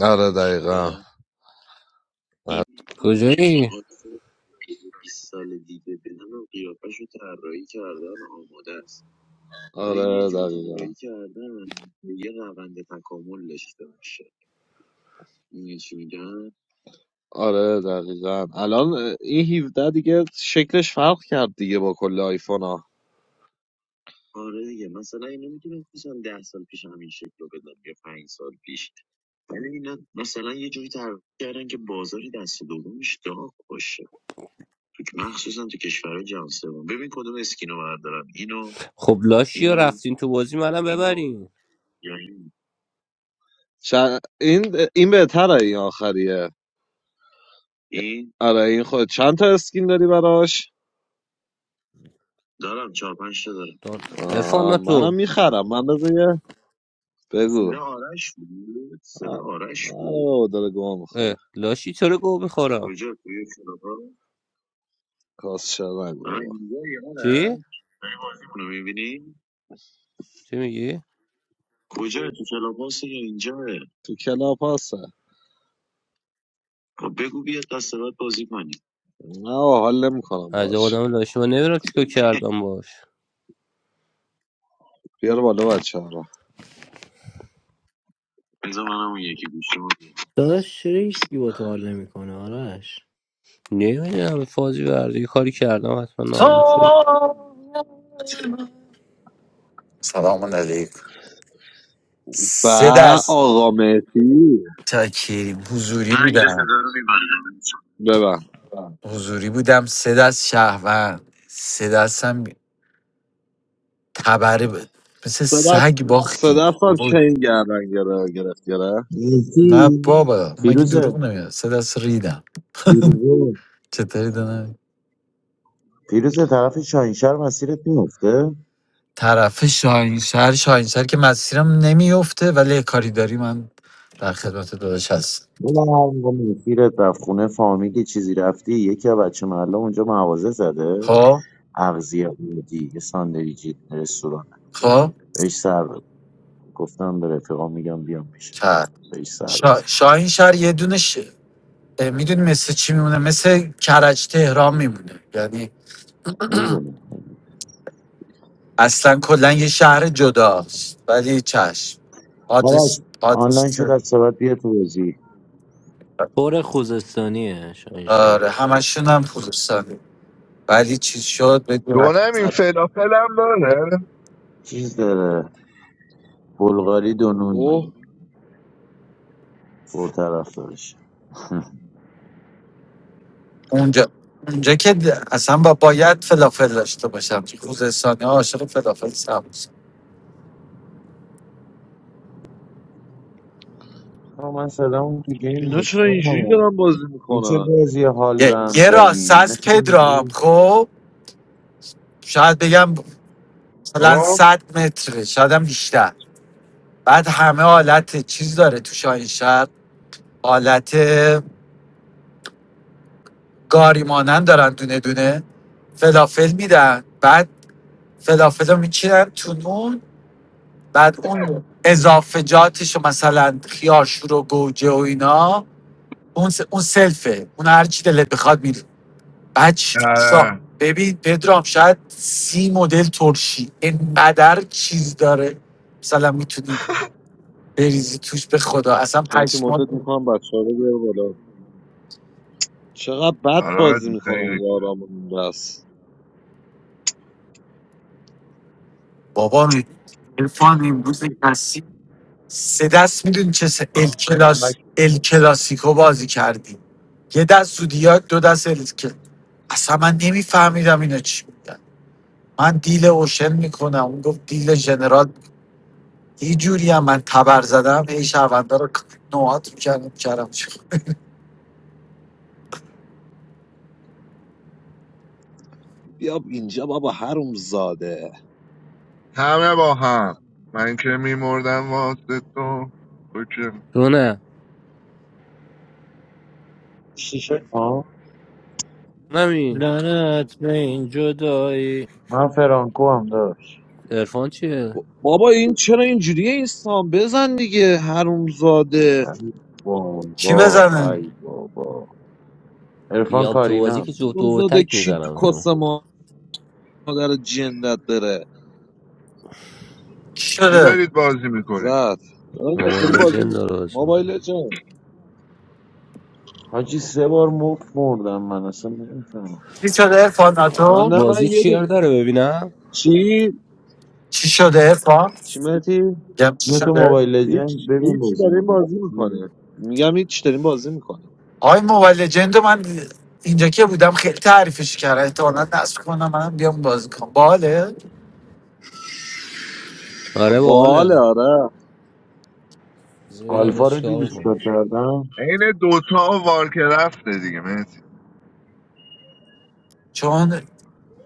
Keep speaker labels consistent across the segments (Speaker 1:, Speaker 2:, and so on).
Speaker 1: آره دقیقا
Speaker 2: کجایی؟
Speaker 1: آره دقیقا آره دقیقا الان این 17 دیگه شکلش فرق کرد دیگه با کل آیفون ها
Speaker 2: خب لاشی ها رفتین تو بازی منم ببرین
Speaker 1: چند... این این بهتره این آخریه آره این خود چند تا اسکین داری براش
Speaker 2: ارفان
Speaker 1: آه
Speaker 2: نه
Speaker 1: منم
Speaker 2: تو
Speaker 1: میخرم من بذار یه- بگو سر آره بابا داره گوه
Speaker 2: اه،
Speaker 1: میخوره
Speaker 2: لاشی چرا گو میخورم
Speaker 1: کاس شده نگو آه بابا
Speaker 2: چی؟ چی میگی؟
Speaker 1: تو کلاب هست نه آقا، حال نمیکنم
Speaker 2: از
Speaker 1: باش
Speaker 2: آدم لاشی من نمیدونم چیکار کردم باش
Speaker 1: بیار بالا بچه ها رو
Speaker 3: داداش چرا هیچ کی با تو حال نمیکنه آرش
Speaker 2: نمیدونم فازی برده یه کاری کردم حتما ناراحت شد
Speaker 4: سلام علیکم سه
Speaker 1: با
Speaker 4: دست
Speaker 1: آقا مهدی
Speaker 4: تکی حضوری بودم
Speaker 1: ببن
Speaker 4: حضوری بودم سه دست شهروند سه دست هم تبره بود مثل
Speaker 1: سه دست
Speaker 4: سگ
Speaker 1: سه
Speaker 4: باختیم
Speaker 1: دست هم
Speaker 4: بابا،
Speaker 1: چین گردن گره- گرفت گره
Speaker 4: نه
Speaker 5: مهدی
Speaker 4: بابا مگه دروغ
Speaker 5: فیروزه
Speaker 4: نمیاد سه دست ریدم
Speaker 5: فیروزه
Speaker 4: چطوری دادم
Speaker 5: فیروزه طرف شاهینشهر مسیرت میفته
Speaker 4: طرف شاهینشهر شاهینشهر که مسیرم نمیفته ولی یه کاری داری من در خدمت داداش هست
Speaker 5: بله مسیرت رفت خونه فامیلی چیزی رفتی یکی از بچه محله اونجا مغازه زده
Speaker 4: خب
Speaker 5: اغزی بودی یه ساندویچی رستوران
Speaker 4: خب
Speaker 5: بهش سر بزن گفتم به رفیقام میگم بیام پیش
Speaker 4: کرد
Speaker 5: بهش سر
Speaker 4: شا...
Speaker 5: بزن
Speaker 4: شاهینشهر یه دونه ش... میدونی مثل چی میمونه مثل کرج تهران میمونه یعنی
Speaker 5: میدونم
Speaker 4: اصلا کلا یه شهر جداست ولی چشم آدرس
Speaker 5: باباش
Speaker 4: آدرس
Speaker 5: آنلاین شد
Speaker 4: چه؟
Speaker 5: از سبت بیا تو بازی
Speaker 3: پر خوزستانیه شاهین شهر
Speaker 4: آره همشون هم خراسانی ولی چی شد بگو
Speaker 6: دونم این فلافل هم داره
Speaker 5: چیز داره بلغاری دونونی
Speaker 1: اوه
Speaker 5: نونی پرطرف دارش
Speaker 4: اونجا اونجا که د- اصلا با باید فلافل داشته باشم چون خوزستانی ها عاشق فلافل سبز
Speaker 5: من صدام تو گیم
Speaker 1: اینا چرا
Speaker 5: بود.
Speaker 1: اینجوری دارن بازی
Speaker 5: این چه
Speaker 1: میکنن
Speaker 5: بازی حال به
Speaker 4: یه,
Speaker 5: هم
Speaker 4: یه
Speaker 5: زنی
Speaker 4: راست
Speaker 5: اینا
Speaker 4: از
Speaker 5: چه
Speaker 4: پدرام
Speaker 5: اینجوری
Speaker 4: خب شاید بگم مثلا
Speaker 6: خب
Speaker 4: 100 متره شاید هم بیشتر بعد همه حالت چیز داره تو شاهین شهر حالت گاری مانند دارن دونه دونه فلافل میدن بعد فلافل رو میچینن تو نون بعد اون اضافجاتش رو مثلا خیارشور و گوجه و اینا اون, اون سلفه اون هر چی دلت بخواد میری بعد ش- شا-
Speaker 6: آره
Speaker 4: ببین پدرام شاید سی مدل ترشی اینقدر چیز داره مثلا میتونید بریزی توش به خدا اصلا
Speaker 1: مهدی مدت
Speaker 4: پشمان
Speaker 1: میکنم بچه ها رو بیار بالا چقدر بد
Speaker 6: آره
Speaker 1: بازی
Speaker 6: دی
Speaker 1: میکنن
Speaker 6: خیلی کرد
Speaker 1: یارامون بس
Speaker 4: بابا عرفان امروز کسی سه دست میدونی چه سه ال کلاس
Speaker 5: کامبک
Speaker 4: ال
Speaker 5: می‌زنی؟
Speaker 4: کلاسیکو بازی کردیم یه دست سودیاک دو دست ال کل- اصلا من نمیفهمیدم اینا چی میگن من دیل اوشن میکنم اون گفت دیل جنرال یه جوری هم من تبر زدم هی شهروندا رو نوعات میکردم کردم چی
Speaker 1: بیا اینجا بابا هروم زاده
Speaker 6: همه با هم من که میمردم واسه تو تو که
Speaker 2: تو نه
Speaker 5: چی شد؟ ها
Speaker 2: نمی
Speaker 3: لعنت به این جدایی
Speaker 5: من فرانکو هم داشت
Speaker 2: ارفان چیه؟
Speaker 1: بابا این چرا اینجوریه این سام بزن دیگه هروم زاده
Speaker 5: ای
Speaker 4: چی
Speaker 5: بابا
Speaker 4: بزنه
Speaker 5: ای بابا عرفان
Speaker 2: بیام تو بازی که
Speaker 5: کارینم
Speaker 2: جفت
Speaker 1: هروم
Speaker 2: و
Speaker 1: زاده
Speaker 2: تک
Speaker 1: کی
Speaker 2: میزنم
Speaker 1: تو کس
Speaker 2: تو
Speaker 1: مادر جندت بره
Speaker 4: چی
Speaker 6: چی
Speaker 4: شده
Speaker 6: دارید بازی میکنید
Speaker 1: زد داریم با... داریم
Speaker 2: موبایل
Speaker 1: بازی
Speaker 2: لژند داره
Speaker 1: میکنم
Speaker 2: بازی می‌کنه.
Speaker 1: موبایل جان
Speaker 5: حاجی سه بار مفت مردم من اصلا نمیفهمم
Speaker 4: چی شده ارفان
Speaker 1: من
Speaker 4: ناتو
Speaker 1: نه من
Speaker 2: بازی
Speaker 1: یه دو...
Speaker 2: چیر داره ببینم
Speaker 1: چی
Speaker 4: چی شده ارفان
Speaker 1: چی مهدی
Speaker 4: گم چی
Speaker 5: یه تو
Speaker 4: شده
Speaker 5: موبایل
Speaker 1: هیچ
Speaker 5: لجند ببین
Speaker 1: هیچی
Speaker 5: بازی
Speaker 1: داریم
Speaker 5: من
Speaker 1: بازی میکنه میگم هیچ داریم بازی میکنه
Speaker 4: آی موبایل لجند رو من اینجا که بودم خیلی تعریفش کردم احتمالا نصب کنم منم بیام بازی کنم باله
Speaker 2: آره
Speaker 1: باله
Speaker 2: باحاله
Speaker 1: آره
Speaker 2: بذار ببینم اینا
Speaker 5: آلفا رو
Speaker 2: چیکار
Speaker 5: دیدی
Speaker 2: میکنم
Speaker 5: چیکار کردم
Speaker 6: عین دوتا و وارکرفته دیگه مرسی
Speaker 4: چون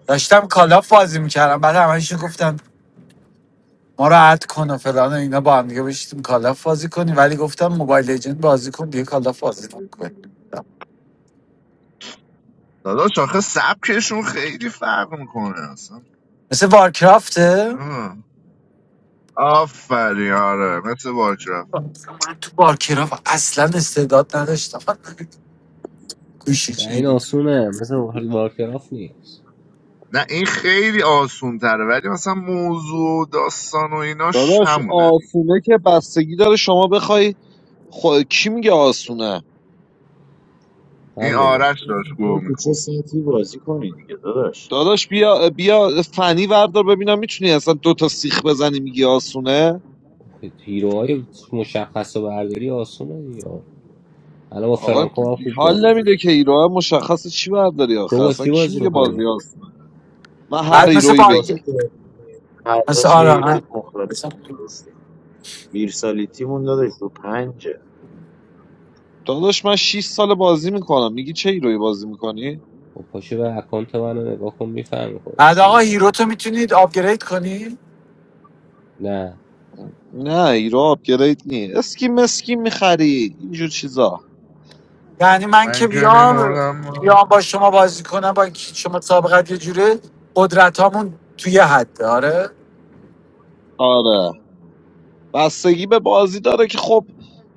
Speaker 4: داشتم کالاف بازی میکردم بعد همشون گفتن ما را راحت کن و فلان و اینا با هم دیگه بشیم کالاف بازی کنیم ولی گفتم موبایل لجند بازی کن دیگه کالاف بازی نکن
Speaker 6: داداش آخه سبکشون خیلی فرق میکنه اصلا
Speaker 4: مثل وارکرافته
Speaker 6: آه. آفرین آره مثل وارکرفت
Speaker 4: من تو وارکرافت اصلا استعداد نداشتم گوشی
Speaker 2: نه،
Speaker 4: چی
Speaker 2: این آسونه مثل وارکرافت نیست
Speaker 6: نه این خیلی آسون تره ولی مثلا موضوع و داستان و ایناش
Speaker 1: داداش
Speaker 6: همونه دیگه
Speaker 1: آسونه که بستگی داره شما بخوای خو... کی میگه آسونه
Speaker 6: این
Speaker 2: همین
Speaker 6: آرش داشت
Speaker 5: این
Speaker 6: گوه
Speaker 5: تو چه
Speaker 6: میخورد
Speaker 5: ساعتی بازی کنی دیگه داداش
Speaker 1: داداش بیا بیا فنی وردار ببینم میتونی اصلا دو تا سیخ بزنی میگی آسونه
Speaker 2: هیروهای مشخص و برداری آسونه دیگه الان با
Speaker 1: آقا
Speaker 2: فرانکو هم خوب
Speaker 1: حال
Speaker 2: بازی می‌کنه.
Speaker 1: نمیده که ایران مشخص چی برداری
Speaker 2: تو
Speaker 1: آخه
Speaker 2: با
Speaker 1: اصلا
Speaker 2: چی
Speaker 1: کی
Speaker 2: بازی
Speaker 1: میگه
Speaker 2: میکنی؟
Speaker 1: بازی آسونه من هر
Speaker 4: بعد مثل
Speaker 1: ایرویی
Speaker 4: بار
Speaker 5: بازی
Speaker 1: بگی
Speaker 5: که هر
Speaker 4: مثل
Speaker 5: دست یه
Speaker 4: آره
Speaker 5: ایراد
Speaker 4: من-
Speaker 5: مختلف ویرسالیتیمون داداش رو پنجه
Speaker 1: داداش من 6 سال بازی میکنم میگی چه ایروی بازی میکنی
Speaker 2: با پاشو به اکانت منو نگاه کن میفهمی خودت
Speaker 4: بعد
Speaker 2: چی
Speaker 4: آقا هیرو
Speaker 2: میگم
Speaker 4: تو میتونید آپگرید کنی
Speaker 2: نه
Speaker 1: نه ایرو آپگرید نی اسکی مسکی میخری اینجور چیزا
Speaker 4: یعنی من که
Speaker 6: من که
Speaker 4: بیام
Speaker 6: میمردم
Speaker 4: بیام با شما بازی کنم با کی- شما سابقت یه جوره قدرت توی حد حده آره
Speaker 1: آره بستگی به بازی داره که خب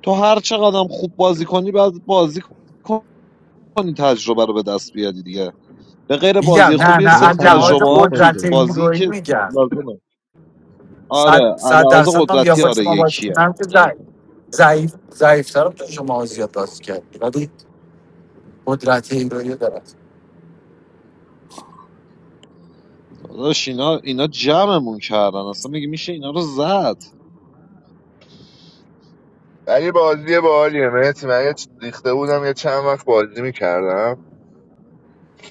Speaker 1: تو هر چقدرم خوب بازی کنی بعد بازی کنی تجربه رو به دست بیاری دیگه به غیر
Speaker 4: میگم
Speaker 1: بازی
Speaker 4: نه
Speaker 1: خوب یه
Speaker 4: نه از
Speaker 1: سری
Speaker 2: تیمت هم باید
Speaker 4: لحاظ
Speaker 1: تجربه
Speaker 2: خوب
Speaker 1: هم تو
Speaker 2: باشه
Speaker 4: قدرت
Speaker 1: بازی
Speaker 4: هیروین
Speaker 1: که
Speaker 4: میگم
Speaker 1: لازمه
Speaker 4: صد
Speaker 1: آره
Speaker 4: صد
Speaker 1: علاوه
Speaker 4: درصد من بیام
Speaker 1: قدرتی
Speaker 4: با
Speaker 1: آره
Speaker 4: شما بازی
Speaker 1: یکیه
Speaker 4: کنم که
Speaker 1: یعنی
Speaker 4: ضعیف ضعیف ترم تو شما زیاد بازی کرد ولی قدرت هیروین رو دارم
Speaker 1: داداش اینا اینا جمعمون کردن اصلا میگه میشه اینا رو زد
Speaker 6: ولی بازی باحالیه مرسی من یه چ- ریخته بودم یه چند وقت بازی میکردم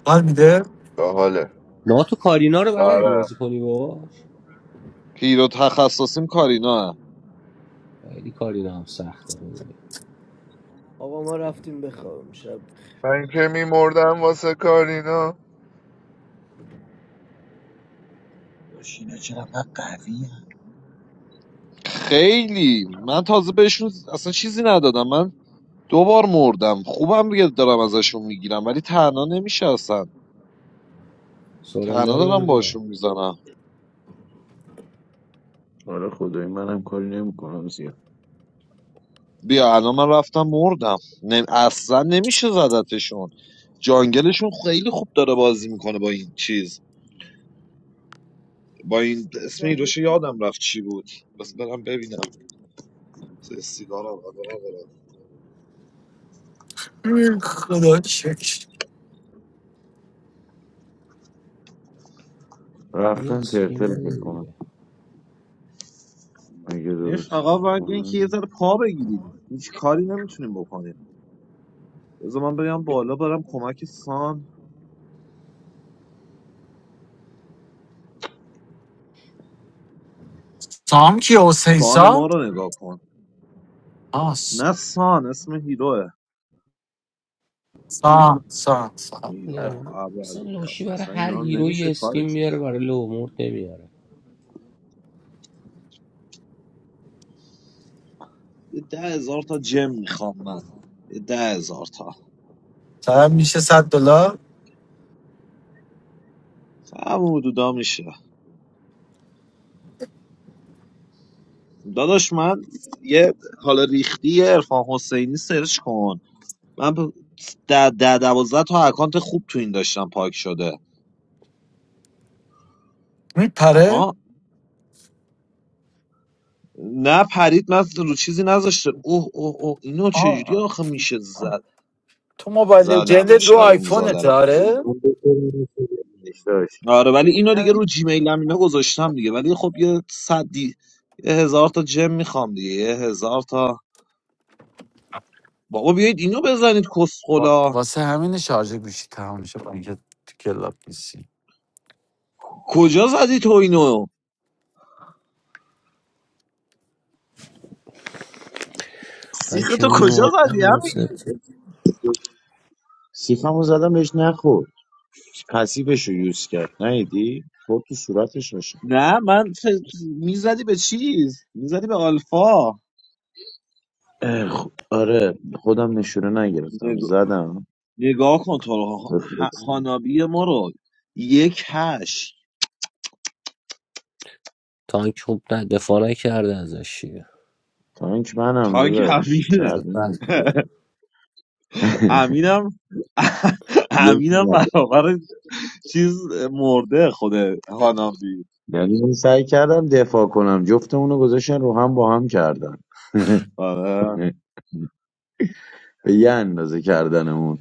Speaker 4: حال میده
Speaker 6: باحاله
Speaker 2: نه تو کارینا رو بلدی بازی
Speaker 6: دارم
Speaker 2: کنی باش
Speaker 1: پیرو تخصصیم کارینا
Speaker 2: خیلی کارینا هم سخته کنی
Speaker 3: آقا ما رفتیم بخوابیم شب
Speaker 6: من که میمردم واسه کارینا
Speaker 5: داشت اینا چرا انقدر قوی هن؟
Speaker 1: خیلی من تازه بهشون اصلا چیزی ندادم من دو بار مردم خوبم دیگه دارم ازشون میگیرم ولی تنها نمیشه اصلا
Speaker 2: سورندر
Speaker 1: تنها
Speaker 2: بده
Speaker 1: دارم
Speaker 2: بیا
Speaker 1: باشون میزنم
Speaker 5: آره خدایی منم کاری نمیکنم زیاد
Speaker 1: بیا الان من رفتم مردم نم... اصلا نمیشه زدتشون جانگلشون خیلی خوب داره بازی میکنه با این چیز با این اسم ایروش یادم رفت چی بود بس برم ببینم سیگار آقا
Speaker 4: ای خدا شکر
Speaker 2: یه
Speaker 5: رفتن
Speaker 2: اسکیم
Speaker 5: ترتل فکر
Speaker 2: بده
Speaker 5: کنم
Speaker 2: دیگه
Speaker 5: اگه
Speaker 1: این
Speaker 5: درست
Speaker 1: فقط
Speaker 5: فکر
Speaker 1: باید اینکه
Speaker 5: کنم
Speaker 1: یه ذره پا بگیریم هیچ کاری نمیتونیم بکنیم بذار من بگم بالا برم کمک سان
Speaker 4: سام کیه حسین
Speaker 1: سان ما
Speaker 4: سام
Speaker 1: رو نگاه کن
Speaker 4: آه س-
Speaker 1: نه سان اسم هیروه
Speaker 4: سام سام سام
Speaker 2: این
Speaker 1: یا
Speaker 2: لو-
Speaker 1: اول
Speaker 2: اصلا لوشی برای
Speaker 1: اصلا
Speaker 2: هر
Speaker 1: اینا رو
Speaker 2: هیروی
Speaker 1: نمیشه
Speaker 2: یه اسکیم
Speaker 1: کارش
Speaker 2: میاره برای لومورد نمیاره
Speaker 1: یه ده هزار تا جم میخوام من یه ده هزار تا
Speaker 4: سام میشه صد دلار
Speaker 1: همون حدودا میشه داداش من یه حالا ریختی ارفان حسینی سرچ کن من ب- ده ده دوازده تا اکانت خوب تو این داشتم پاک شده
Speaker 4: میپره
Speaker 1: آها نه پرید من رو چیزی نذاشته اوه اوه اوه اینو چجوری
Speaker 4: آه
Speaker 1: آخه میشه زد
Speaker 4: تو موبایل لژندت
Speaker 1: زدمش
Speaker 4: رو
Speaker 1: حروم زاده
Speaker 4: آیفونت
Speaker 1: رو.
Speaker 5: اون
Speaker 4: آره
Speaker 5: دو تا نمی‌خوردنش داشت
Speaker 1: آره ولی اینو دیگه رو جیمیل هم اینا گذاشتم دیگه ولی خب یه صدی یه هزار تا جم میخوام دیگه یه هزار تا بابا بیایید اینو بزنید
Speaker 4: وا-
Speaker 1: کسخلا
Speaker 4: واسه همین شارژ گوشی تمام میشه با اینکه تو کلاب نیستی.
Speaker 1: کجا زدی تو اینو سیخ
Speaker 2: من که
Speaker 1: تو کجا زدی همین
Speaker 2: میمردم
Speaker 5: سیفمو زدم بهش نخورد پسیبش رو یوز کرد نیدی خورد تو صورتش باشه
Speaker 1: نه من ف- میزدی به چیز میزدی به آلفا
Speaker 5: اه، خ- آره خودم نشونه نگرفتم
Speaker 1: نگ-
Speaker 5: زدم
Speaker 1: نگاه کن تو رو. ه-
Speaker 5: رفلکسی.
Speaker 1: هانابی ما رو یک هشت
Speaker 2: تانک خوب نه دفاع نکرده ازش دیگه
Speaker 5: تانک منم
Speaker 1: تانک
Speaker 5: داداش
Speaker 1: امینه
Speaker 2: مثل
Speaker 5: کردن
Speaker 1: امینم امینم
Speaker 5: یکی
Speaker 1: برابر چیز مرده خود هانابی
Speaker 5: یعنی من سعی کردم دفاع کنم جفتمون رو گذاشتن رو هم با هم کردن
Speaker 1: آره
Speaker 5: به یه اندازه کردنمون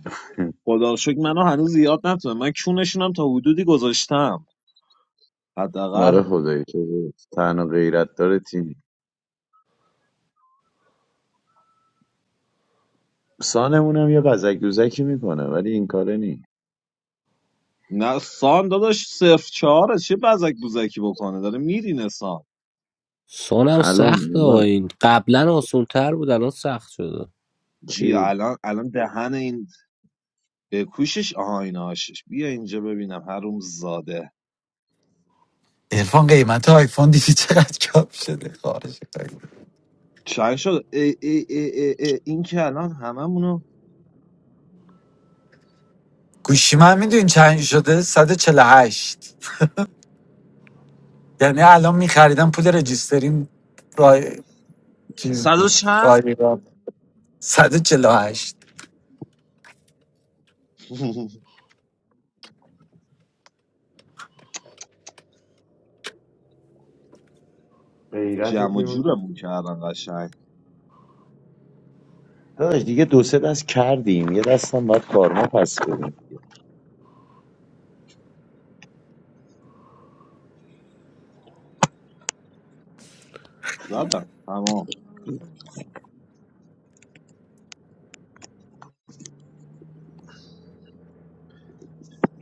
Speaker 1: خدا رو شکر منو هنوز زیاد نتونه من کونشونم تا حدودی گذاشتم حداقل
Speaker 5: آره خدایی تو تنها غیرت داره تیم سانمونم یه قزک دوزکی میکنه ولی این کاره نی
Speaker 1: نه سام داداش صفر چهاره چه بزک بوزکی بکنه داره میرینه سام
Speaker 2: سونم
Speaker 5: الان
Speaker 2: سخته ها
Speaker 5: الان
Speaker 2: این قبلا آسون تر بود الان سخت شده
Speaker 1: بیا
Speaker 5: چی
Speaker 1: الان الان دهن این کوشش آها این آشش بیا اینجا ببینم هروم زاده
Speaker 4: ارفان قیمت آیفون دیدی چقدر کم شده خارش
Speaker 1: چند شد ای ای ای ای ای این که الان هممونو
Speaker 4: گوشی من میدونی چند شده صد و چهل و هشت. یعنی الان میخریدم پول رجیستریم رای چیز
Speaker 1: صد و
Speaker 4: بود
Speaker 1: چند
Speaker 4: رای را هشت.
Speaker 5: غیرت
Speaker 1: جمع و
Speaker 5: تیم
Speaker 1: جورمون کردن قشنگ
Speaker 5: داداش دیگه دو سه دست کردیم یه دستم باید کارما پس بدیم
Speaker 1: زدم تمام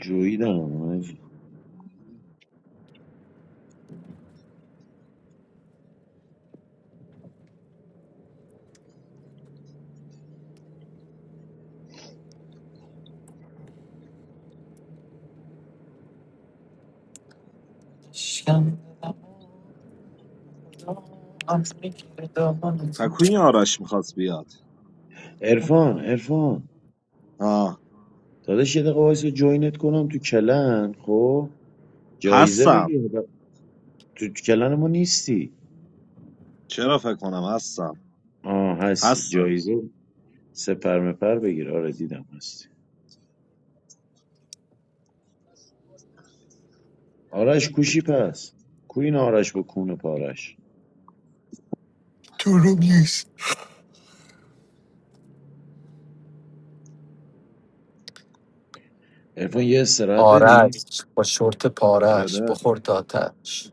Speaker 5: جویدم
Speaker 4: شکم دلم می‌گیره دامنت.
Speaker 1: پکوین آرش میخواست بیاد
Speaker 5: عرفان عرفان
Speaker 1: آه
Speaker 5: داداش یه دقیقه وایس جوینت کنم تو کلن خب جایزه
Speaker 1: هستم
Speaker 5: بگیر تو تو کلن ما نیستی
Speaker 1: چرا فکر کنم هستم
Speaker 5: آه هستی
Speaker 1: هستم
Speaker 5: جایزه سپر مپر بگیر آره دیدم هستی آرش کوشی پس کوین آرش با کون پارش
Speaker 4: تو رو نیست
Speaker 5: ارفان یه استراحت
Speaker 4: آرش
Speaker 5: بدین
Speaker 4: با شورت پارش
Speaker 1: بده
Speaker 4: بخور تا آتش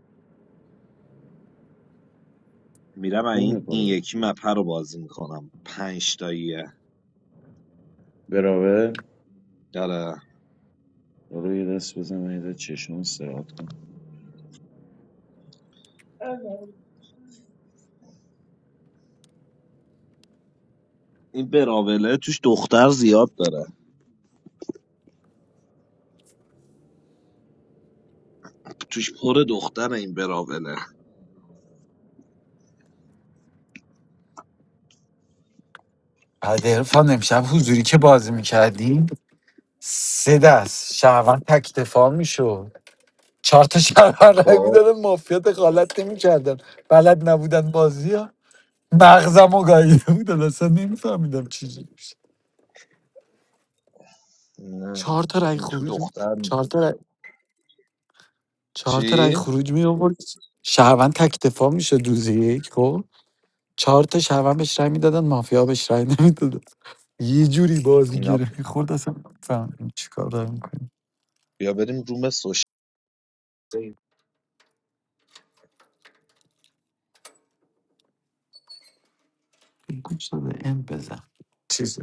Speaker 1: میرم
Speaker 5: کون
Speaker 1: این این
Speaker 5: پارش
Speaker 1: یکی مپه رو بازی میکنم پنج تاییه
Speaker 5: براوه
Speaker 1: داره
Speaker 5: برو یه دست بزن من یه دست چشم استراحت کن
Speaker 1: این براوله توش دختر زیاد داره توش پر دختر این براوله
Speaker 4: بعد عرفان امشب حضوری که بازی میکردیم سه دست شهروند تک دفاع میشد چهار تا شهر رای
Speaker 1: خب
Speaker 4: میدادن مافیا دخالت نمیکردن بلد نبودن بازی ها مغزم و گاییده بودن اصلا نمیفهمیدم چیزی میشه
Speaker 1: نه
Speaker 4: چهار تا رای
Speaker 1: این تو
Speaker 4: خروج می-
Speaker 1: دختر
Speaker 4: چهار
Speaker 1: نیست.
Speaker 4: تا رای... چهار تا رای
Speaker 1: چی؟
Speaker 4: خروج می آورد شهروند تک دفاع میشه روز یک خب چهار تا شهروند بهش رای میدادن مافیا بهش رای نمیدادن یه جوری بازی
Speaker 1: اینا
Speaker 4: گیره
Speaker 1: پ-
Speaker 4: میخورد اصلا فهمیدم چیکار دارم میکنیم
Speaker 1: بیا بریم روم
Speaker 4: گوش داده ام بزن چیز